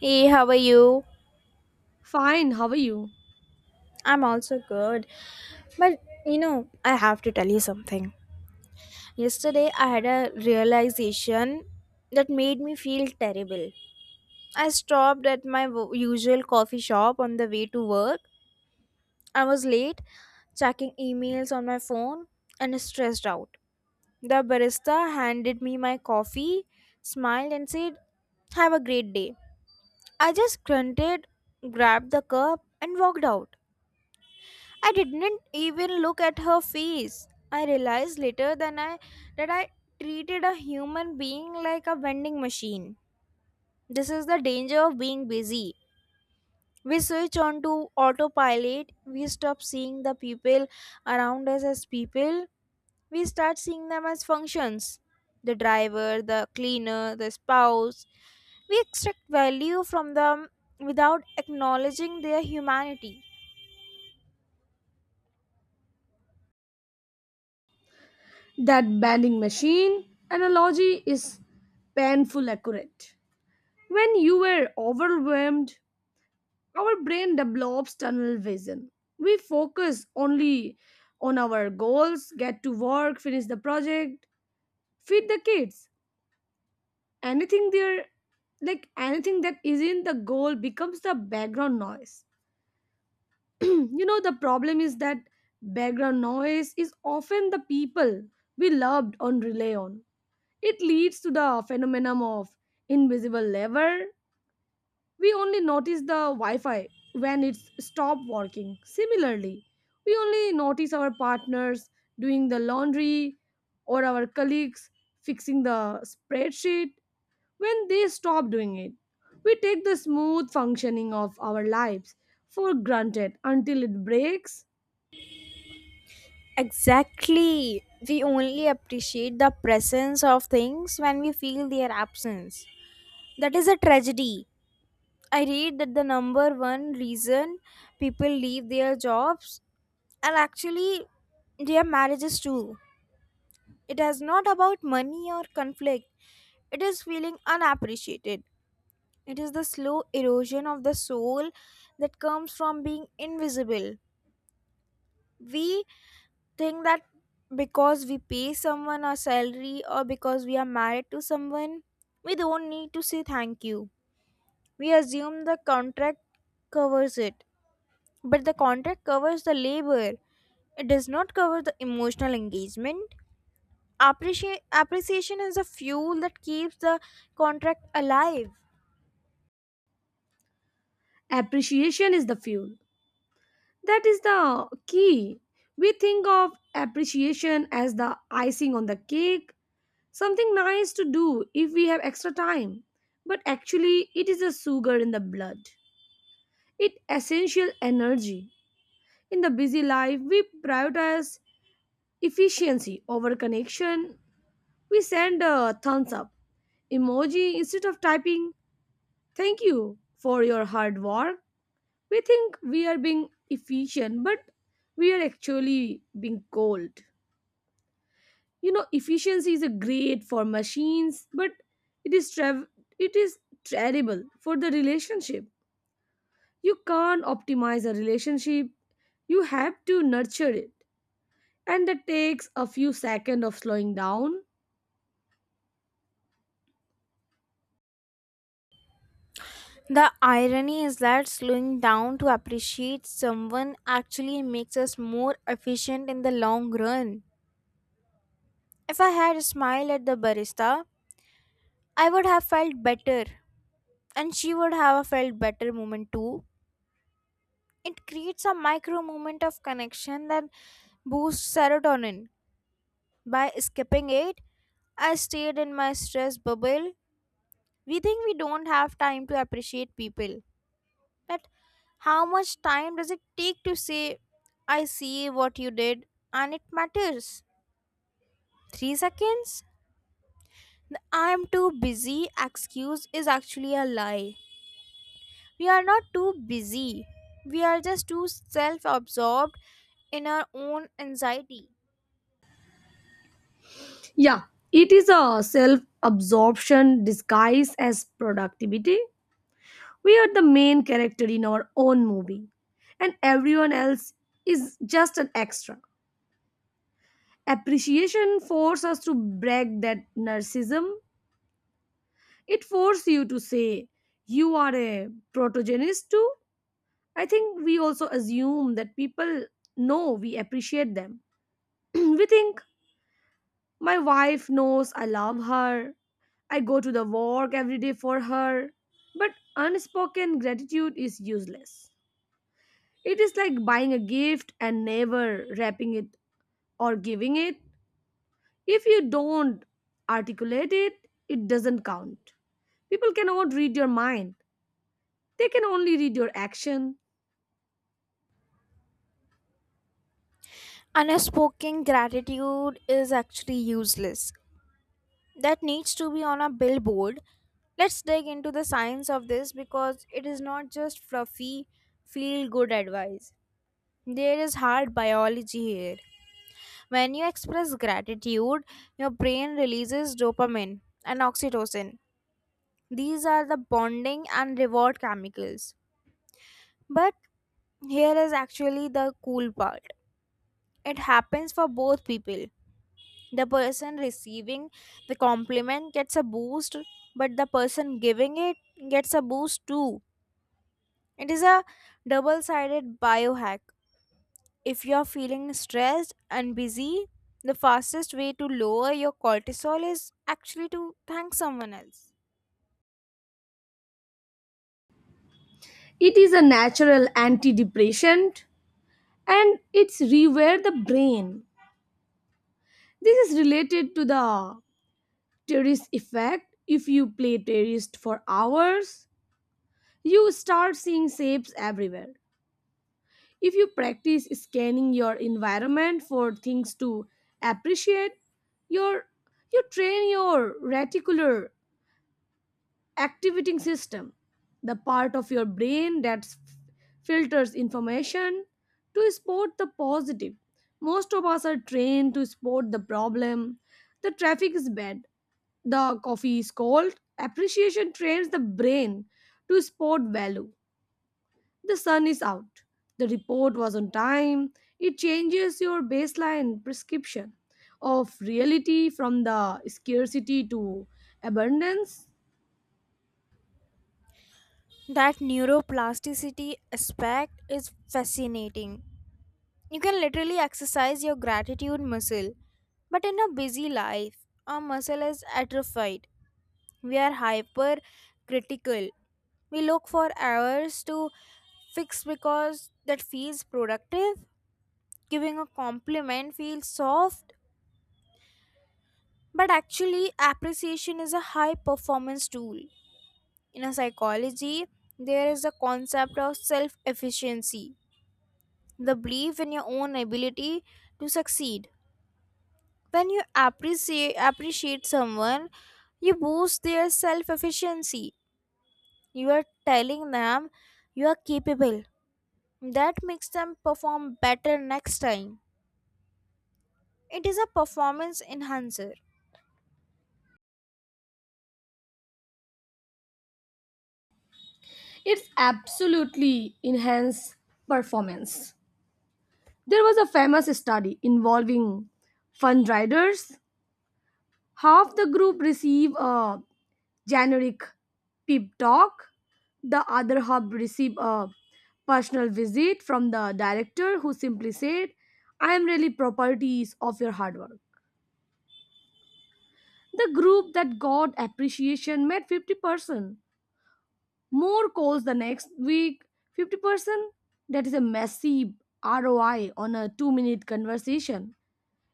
Hey, how are you? Fine, how are you? I'm also good. But you know, I have to tell you something. Yesterday, I had a realization that made me feel terrible. I stopped at my usual coffee shop on the way to work. I was late, checking emails on my phone, and stressed out. The barista handed me my coffee, smiled, and said, "Have a great day." I just grunted, grabbed the cup, and walked out. I didn't even look at her face. I realized later than I that I treated a human being like a vending machine. This is the danger of being busy. We switch on to autopilot. We stop seeing the people around us as people. We start seeing them as functions. The driver, the cleaner, the spouse. We extract value from them without acknowledging their humanity. That banding machine analogy is painful accurate. When you were overwhelmed, our brain develops tunnel vision. We focus only on our goals, get to work, finish the project, feed the kids. Anything there, like anything that isn't the goal, becomes the background noise. The problem is that background noise is often the people we loved on rely on. It leads to the phenomenon of invisible labor. We only notice the Wi Fi when it's stopped working. Similarly, we only notice our partners doing the laundry or our colleagues fixing the spreadsheet when they stop doing it. We take the smooth functioning of our lives for granted until it breaks. Exactly. We only appreciate the presence of things when we feel their absence. That is a tragedy. I read that the number one reason people leave their jobs, and actually their marriages too, it is not about money or conflict, it is feeling unappreciated. It is the slow erosion of the soul that comes from being invisible. We think that because we pay someone a salary or because we are married to someone, we don't need to say thank you. We assume the contract covers it. But the contract covers the labor, it does not cover the emotional engagement. Appreciation is the fuel that keeps the contract alive. Appreciation is the fuel. That is the key. We think of appreciation as the icing on the cake, something nice to do if we have extra time. But actually, it is a sugar in the blood. It essential energy. In the busy life, we prioritize efficiency over connection. We send a thumbs up emoji instead of typing thank you for your hard work. We think we are being efficient, but we are actually being cold. Efficiency is a great for machines, but it is trav- it is terrible for the relationship. You can't optimize a relationship, you have to nurture it, and that takes a few seconds of slowing down. The irony is that slowing down to appreciate someone actually makes us more efficient in the long run. If I had smiled at the barista, I would have felt better, and she would have felt better moment too. It creates a micro moment of connection that boosts serotonin. By skipping it, I stayed in my stress bubble. We think we don't have time to appreciate people, but how much time does it take to say, "I see what you did, and it matters"? 3 seconds? The I'm too busy excuse is actually a lie. We are not too busy. We are just too self absorbed in our own anxiety. Yeah, it is a self absorption disguised as productivity. We are the main character in our own movie, and everyone else is just an extra. Appreciation forces us to break that narcissism. It forces you to say, you are a protogenist too. I think we also assume that people know we appreciate them. We think, my wife knows I love her. I go to the work every day for her. But unspoken gratitude is useless. It is like buying a gift and never wrapping it or giving it. If you don't articulate it, it doesn't count. People cannot read your mind, they can only read your action. Unspoken gratitude is actually useless. That needs to be on a billboard. Let's dig into the science of this because it is not just fluffy, feel good advice. There is hard biology here. When you express gratitude, your brain releases dopamine and oxytocin. These are the bonding and reward chemicals. But here is actually the cool part. It happens for both people. The person receiving the compliment gets a boost, but the person giving it gets a boost too. It is a double sided biohack. If you're feeling stressed and busy, the fastest way to lower your cortisol is actually to thank someone else. It is a natural antidepressant, and it's rewire the brain. This is related to the terrorist effect. If you play terrorist for hours, you start seeing shapes everywhere. If you practice scanning your environment for things to appreciate, your you train your reticular activating system, the part of your brain that filters information to spot the positive. Most of us are trained to spot the problem. The traffic is bad, the coffee is cold. Appreciation trains the brain to spot value. The sun is out, the report was on time. It changes your baseline prescription of reality from the scarcity to abundance. That neuroplasticity aspect is fascinating. You can literally exercise your gratitude muscle, but in a busy life, our muscle is atrophied. We are hyper critical. We look for hours to fix because that feels productive. Giving a compliment feels soft, but actually, appreciation is a high performance tool. In a psychology, there is a concept of self efficiency, the belief in your own ability to succeed. When you appreciate someone, you boost their self efficiency. You are telling them you are capable. That makes them perform better next time. It is a performance enhancer. It's absolutely enhanced performance. There was a famous study involving fundriders. Half the group received a generic pep talk, the other half received a personal visit from the director who simply said, I am really properties of your hard work. The group that got appreciation made 50% more calls the next week. 50%, that is a massive ROI on a 2-minute conversation.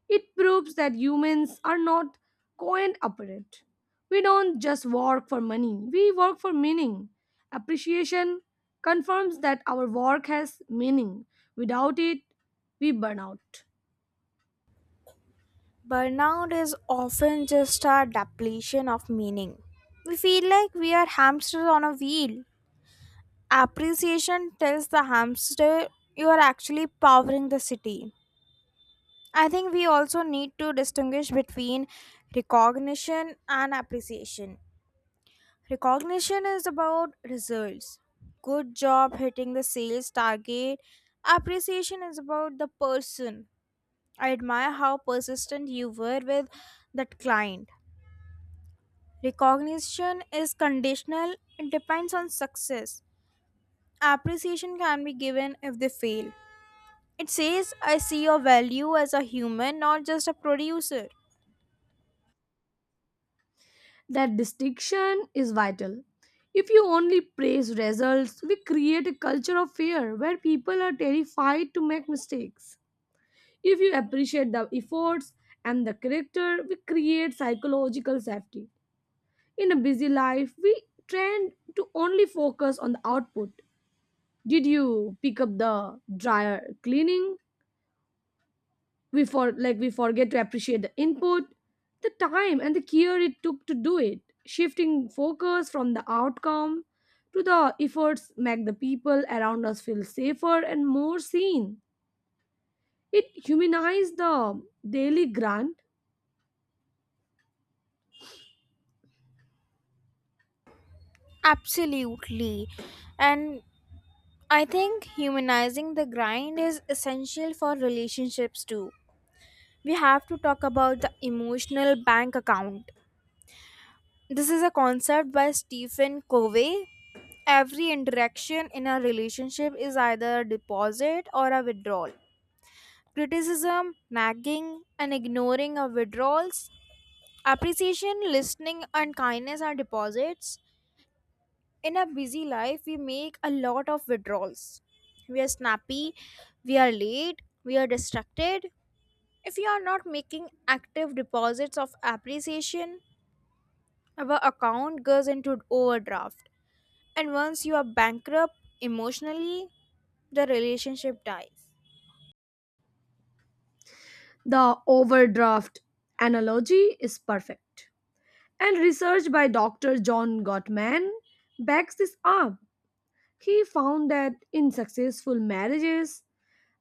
It proves that humans are not coin operate. We don't just work for money, we work for meaning. Appreciation confirms that our work has meaning. Without it, we burn out. Burnout is often just a depletion of meaning. We feel like we are hamsters on a wheel. Appreciation tells the hamster you are actually powering the city. I think we also need to distinguish between recognition and appreciation. Recognition is about results. Good job hitting the sales target. Appreciation is about the person. I admire how persistent you were with that client. Recognition is conditional, it depends on success. Appreciation can be given if they fail. It says, I see your value as a human, not just a producer. That distinction is vital. If you only praise results, we create a culture of fear where people are terrified to make mistakes. If you appreciate the efforts and the character, we create psychological safety. In a busy life, we tend to only focus on the output. Did you pick up the dryer cleaning? We forget to appreciate the input, the time and the care it took to do it. Shifting focus from the outcome to the efforts make the people around us feel safer and more seen. It humanizes the daily grind. Absolutely. And I think humanizing the grind is essential for relationships too. We have to talk about the emotional bank account. This is a concept by Stephen Covey. Every interaction in a relationship is either a deposit or a withdrawal. Criticism, nagging, and ignoring are withdrawals. Appreciation, listening, and kindness are deposits. In a busy life, we make a lot of withdrawals. We are snappy, we are late, we are distracted. If you are not making active deposits of appreciation, our account goes into overdraft, and once you are bankrupt emotionally, the relationship dies. The overdraft analogy is perfect. And research by Dr. John Gottman backs this up. He found that in successful marriages,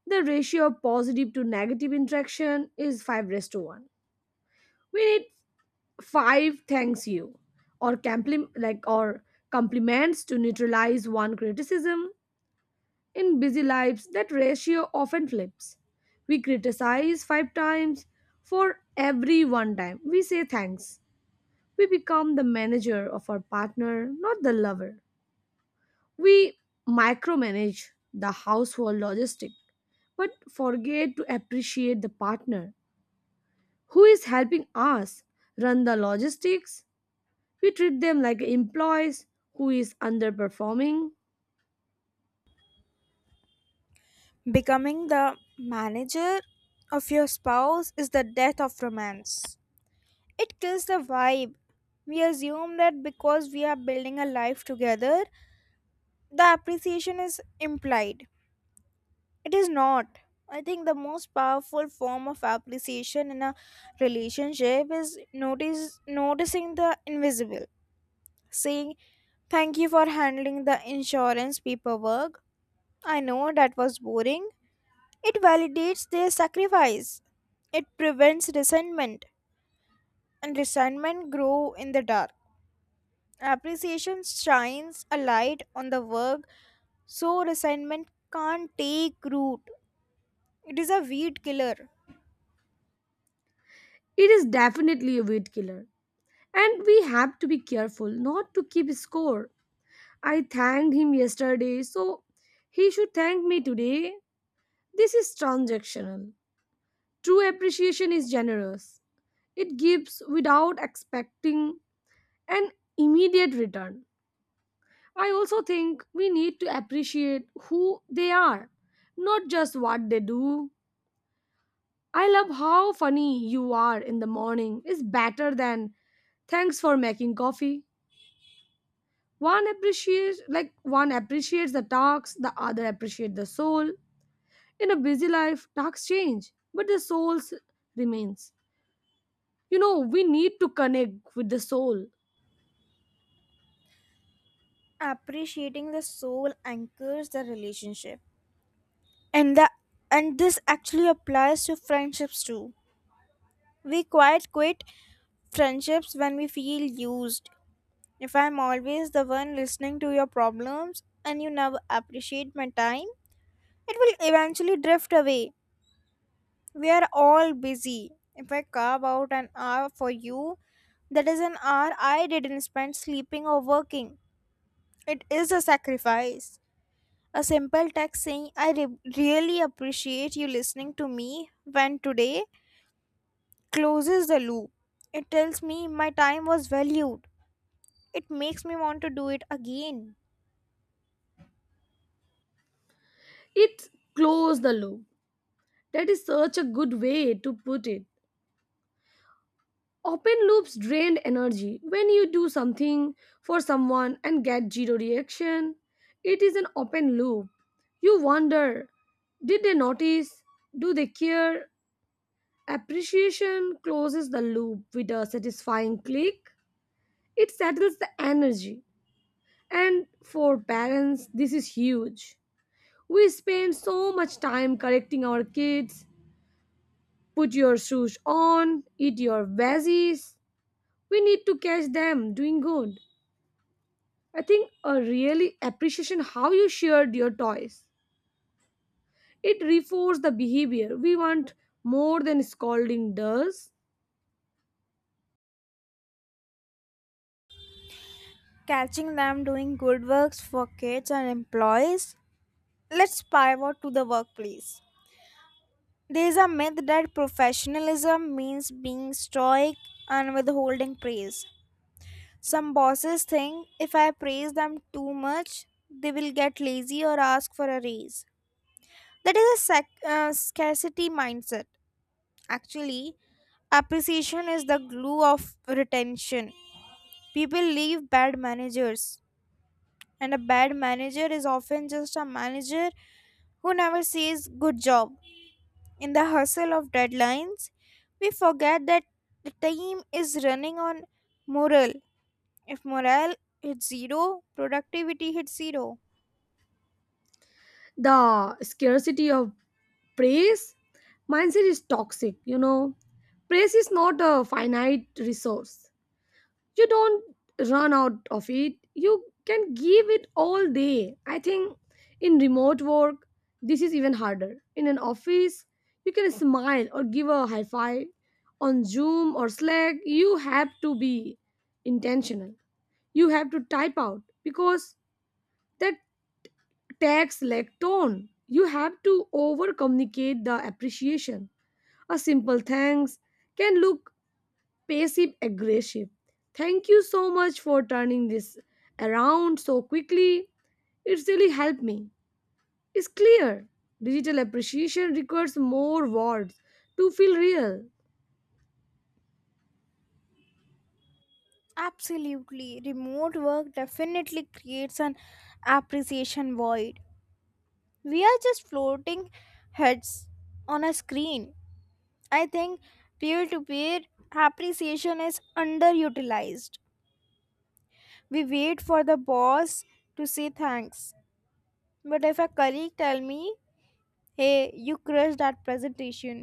the ratio of positive to negative interaction is 5 raised to 1. We need 5 thanks you or compliments to neutralize one criticism. In busy lives, that ratio often flips. We criticize five times for every one time. We say thanks. We become the manager of our partner, not the lover. We micromanage the household logistic, but forget to appreciate the partner who is helping us run the logistics. We treat them like employees who is underperforming. Becoming the manager of your spouse is the death of romance. It kills the vibe. We assume that because we are building a life together, the appreciation is implied. It is not. I think the most powerful form of appreciation in a relationship is notice noticing the invisible. Saying thank you for handling the insurance paperwork. I know that was boring. It validates their sacrifice. It prevents resentment, and resentment grow in the dark. Appreciation shines a light on the work so resentment can't take root. It is a weed killer. It is definitely a weed killer. And we have to be careful not to keep score. I thanked him yesterday, so he should thank me today. This is transactional. True appreciation is generous, it gives without expecting an immediate return. I also think we need to appreciate who they are, not just what they do. I love how funny you are in the morning is better than thanks for making coffee. One appreciates the tasks, the other appreciates the soul. In a busy life, tasks change, but the soul remains. We need to connect with the soul. Appreciating the soul anchors the relationship. And the and this actually applies to friendships too. We quit friendships when we feel used. If I'm always the one listening to your problems and you never appreciate my time, it will eventually drift away. We are all busy. If I carve out an hour for you, that is an hour I didn't spend sleeping or working. It is a sacrifice. A simple text saying, "I really appreciate you listening to me when today" closes the loop. It tells me my time was valued. It makes me want to do it again. It close the loop. That is such a good way to put it. Open loops drain energy. When you do something for someone and get zero reaction, it is an open loop. You wonder, did they notice? Do they care? Appreciation closes the loop with a satisfying click. It settles the energy. And for parents, this is huge. We spend so much time correcting our kids. Put your shoes on, eat your veggies. We need to catch them doing good. I think a really appreciation how you shared your toys. It reinforces the behavior we want more than scolding does. Catching them doing good works for kids and employees. Let's pivot to the workplace. There is a myth that professionalism means being stoic and withholding praise. Some bosses think if I praise them too much, they will get lazy or ask for a raise. That is a scarcity mindset. Actually, appreciation is the glue of retention. People leave bad managers, and a bad manager is often just a manager who never says good job. In the hustle of deadlines, we forget that the team is running on morale. If morale hits zero, productivity hits zero. The scarcity of praise mindset is toxic. Praise is not a finite resource. You don't run out of it, you can give it all day. I think in remote work, this is even harder. In an office, you can smile or give a high five. On Zoom or Slack, you have to be intentional. You have to type out because that text like tone. You have to over communicate the appreciation. A simple thanks can look passive aggressive. Thank you so much for turning this around so quickly. It's really helped me. It's clear. Digital appreciation requires more words to feel real. Absolutely. Remote work definitely creates an appreciation void. We are just floating heads on a screen. I think peer to peer appreciation is underutilized. We wait for the boss to say thanks. But if a colleague tell me, "Hey, you crushed that presentation,"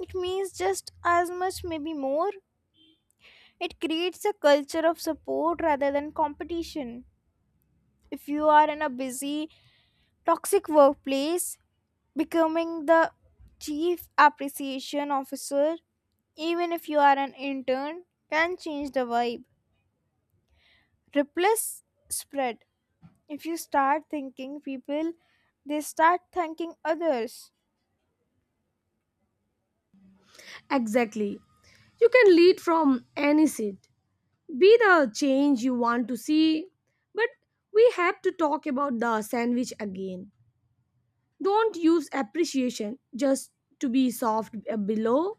it means just as much, maybe more. It creates a culture of support rather than competition. If you are in a busy, toxic workplace, becoming the chief appreciation officer, even if you are an intern, can change the vibe. Replace spread. If you start thanking people, they start thanking others. Exactly. You can lead from any seat. Be the change you want to see. But we have to talk about the sandwich again. Don't use appreciation just to be soft below.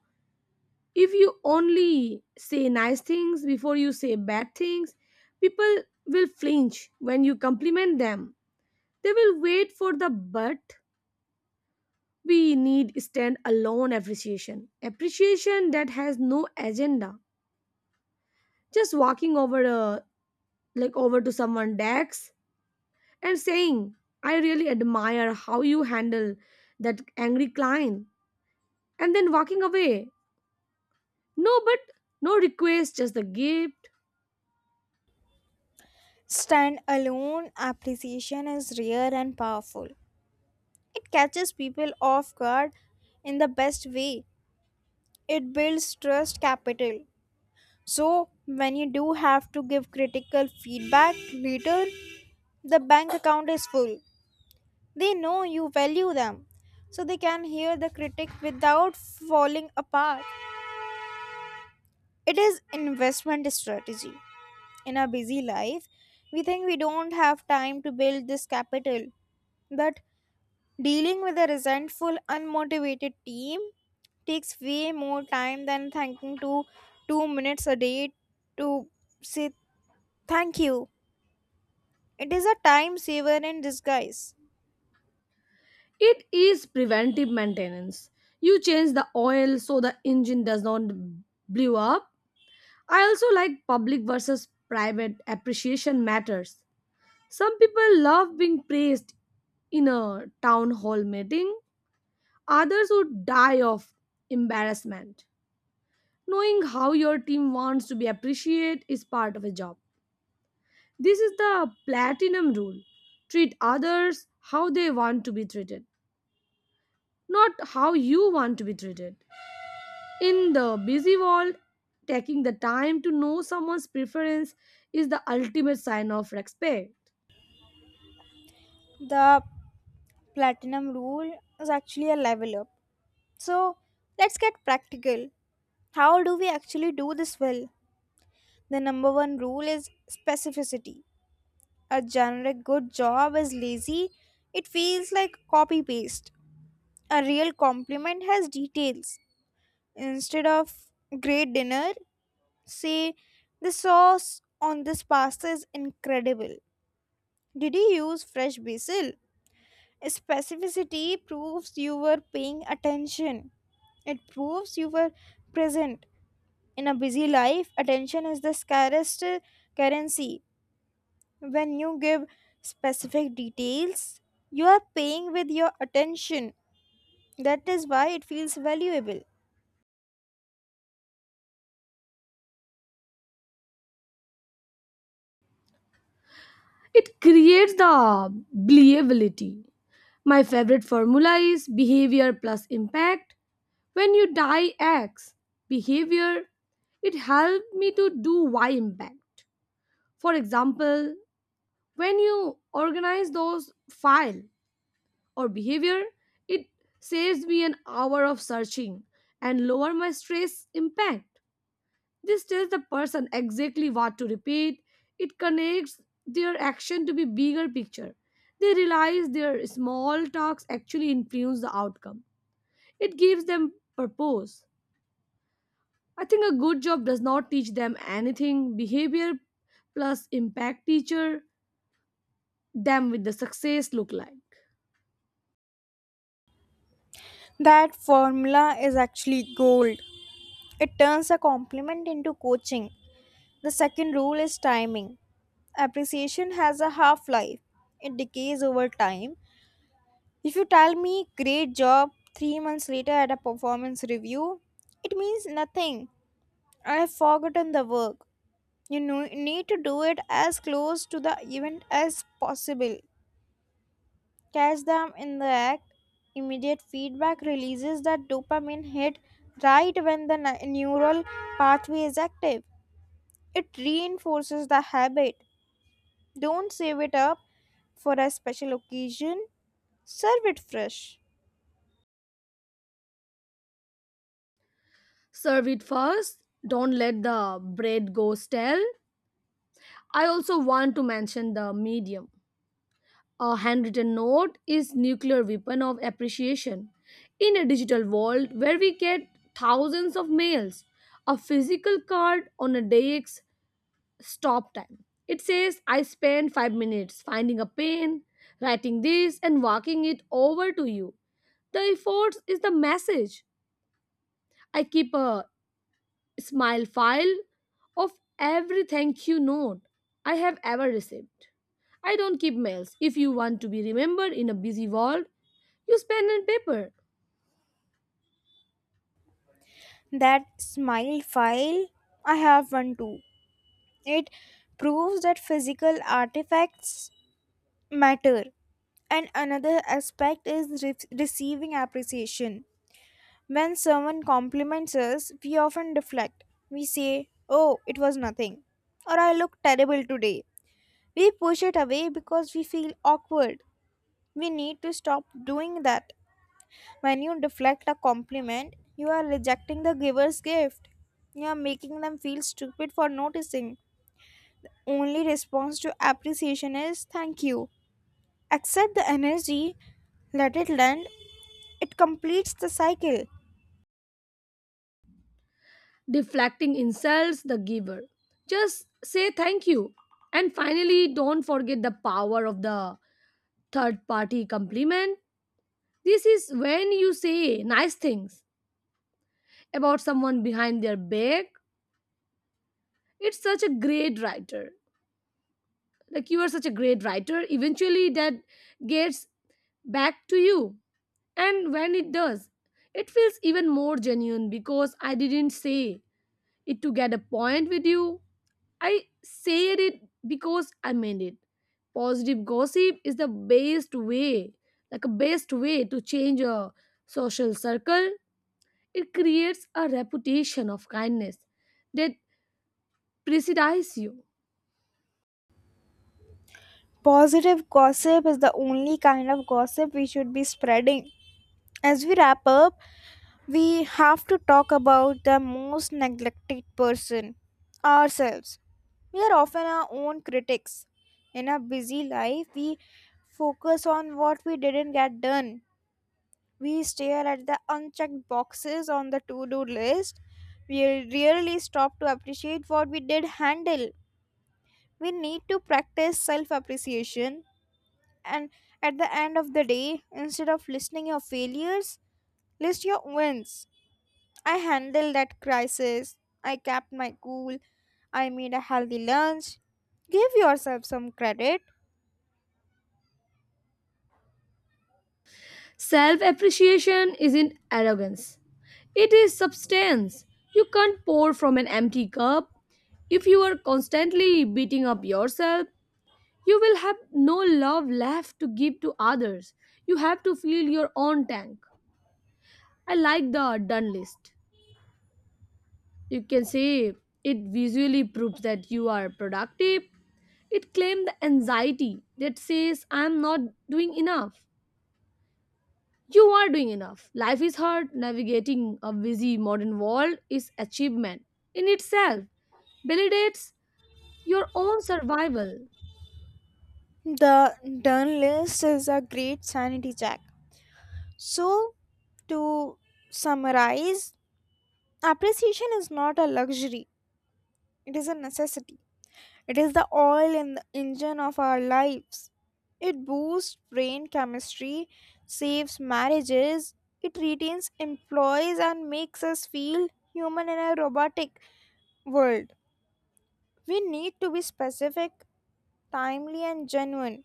If you only say nice things before you say bad things, people will flinch when you compliment them. They will wait for the but. We need stand alone appreciation. Appreciation that has no agenda. Just walking over a like over to someone's desk and saying, I really admire how you handle that angry client, and then walking away. No, but no request, just the gift. Stand alone appreciation is rare and powerful. It catches people off guard in the best way. It builds trust capital. So when you do have to give critical feedback later, the bank account is full. They know you value them, so they can hear the critic without falling apart. It is investment strategy. In our busy life, we think we don't have time to build this capital, but dealing with a resentful, unmotivated team takes way more time than thanking to 2 minutes a day to say thank you. It is a time saver in disguise. It is preventive maintenance. You change the oil so the engine does not blow up. I also like public versus private appreciation matters. Some people love being praised in a town hall meeting, others would die of embarrassment. Knowing how your team wants to be appreciated is part of a job. This is the platinum rule: treat others how they want to be treated, not how you want to be treated. In the busy world, taking the time to know someone's preference is the ultimate sign of respect. The platinum rule is actually a level up. So let's get practical. How do we actually do this well? The number one rule is specificity. A generic good job is lazy, it feels like copy paste. A real compliment has details. Instead of great dinner, say the sauce on this pasta is incredible. Did you use fresh basil? Specificity proves you were paying attention. It proves you were present. In a busy life, attention is the scarcest currency. When you give specific details, you are paying with your attention. That is why it feels valuable. It creates the believability. My favorite formula is behavior plus impact. When you die X behavior, it helped me to do Y impact. For example, when you organize those file or behavior, it saves me an hour of searching and lower my stress impact. This tells the person exactly what to repeat. It connects their action to be bigger picture. They realize their small talks actually influence the outcome. It gives them purpose. I think a good job does not teach them anything. Behavior plus impact teacher them with the success look like. That formula is actually gold. It turns a compliment into coaching. The second rule is timing. Appreciation has a half life, it decays over time. If you tell me great job 3 months later at a performance review, it means nothing. I have forgotten the work. You know, need to do it as close to the event as possible. Catch them in the act. Immediate feedback releases that dopamine hit right when the neural pathway is active. It reinforces the habit. Don't save it up for a special occasion, serve it fresh. Serve it first. Don't let the bread go stale. I also want to mention the medium. A handwritten note is nuclear weapon of appreciation. In a digital world where we get thousands of mails, a physical card on a day's stop time. It says I spent 5 minutes finding a pen, writing this and walking it over to you. The effort is the message. I keep a smile file of every thank you note I have ever received. I don't keep mails. If you want to be remembered in a busy world, use pen and paper. That smile file, I have one too. It proves that physical artifacts matter. And another aspect is receiving appreciation. When someone compliments us, we often deflect. We say, "Oh, it was nothing," or "I look terrible today." We push it away because we feel awkward. We need to stop doing that. When you deflect a compliment, you are rejecting the giver's gift. You are making them feel stupid for noticing. Only response to appreciation is thank you. Accept the energy, let it land. It completes the cycle. Deflecting insults the giver. Just say thank you. And finally, don't forget the power of the third party compliment. This is when you say nice things about someone behind their back. It's such a great writer. Like you are such a great writer, eventually that gets back to you. And when it does, it feels even more genuine because I didn't say it to get a point with you. I said it because I meant it. Positive gossip is the best way like a best way to change a social circle. It creates a reputation of kindness that precedes you. Positive gossip is the only kind of gossip we should be spreading. As we wrap up, we have to talk about the most neglected person, ourselves. We are often our own critics. In a busy life, we focus on what we didn't get done. We stare at the unchecked boxes on the to do list. We rarely stop to appreciate what we did handle. We need to practice self appreciation, and at the end of the day, instead of listing your failures, list your wins. I handled that crisis. I kept my cool. I made a healthy lunch. Give yourself some credit. Self appreciation isn't arrogance, it is substance. You can't pour from an empty cup. If you are constantly beating up yourself, you will have no love left to give to others. You have to fill your own tank. I like the done list. You can say it visually proves that you are productive. It claims the anxiety that says I am not doing enough. You are doing enough. Life is hard. Navigating a busy modern world is achievement in itself. Validates your own survival. The done list is a great sanity check. So, to summarize, appreciation is not a luxury, it is a necessity. It is the oil in the engine of our lives. It boosts brain chemistry, saves marriages, it retains employees and makes us feel human in a robotic world. We need to be specific, timely, and genuine.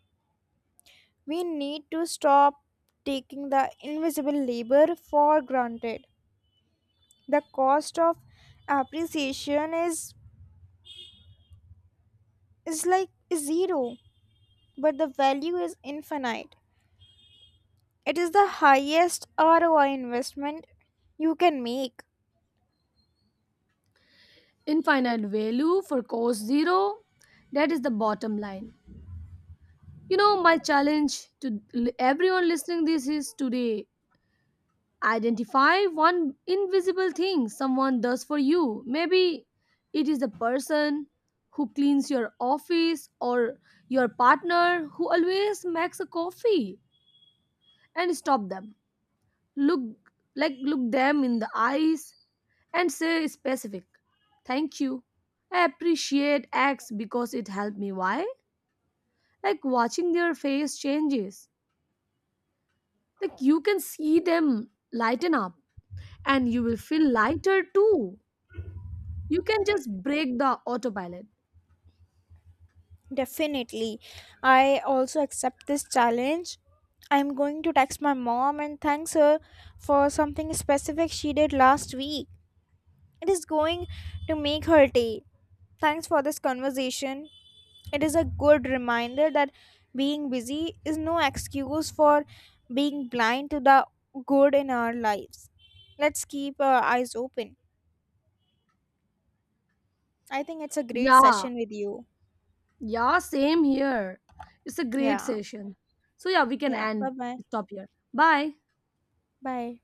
We need to stop taking the invisible labor for granted. The cost of appreciation is like zero, but the value is infinite. It is the highest ROI investment you can make. Infinite value for cost zero. That is the bottom line. My challenge to everyone listening this is today identify one invisible thing someone does for you. Maybe it is the person who cleans your office or your partner who always makes a coffee, and stop them. Look look them in the eyes and say specific. Thank you. I appreciate X because it helped me. Why? Like watching their face changes. Like you can see them lighten up, and you will feel lighter too. You can just break the autopilot. Definitely. I also accept this challenge. I'm going to text my mom and thanks her for something specific she did last week. It is going to make her day. Thanks for this conversation. It is a good reminder that being busy is no excuse for being blind to the good in our lives. Let's keep our eyes open. I think it's a great Yeah, session with you. yeah, same here. It's a great Yeah. session. So, yeah, we can Yeah. Bye end, bye. stop here. Bye. Bye.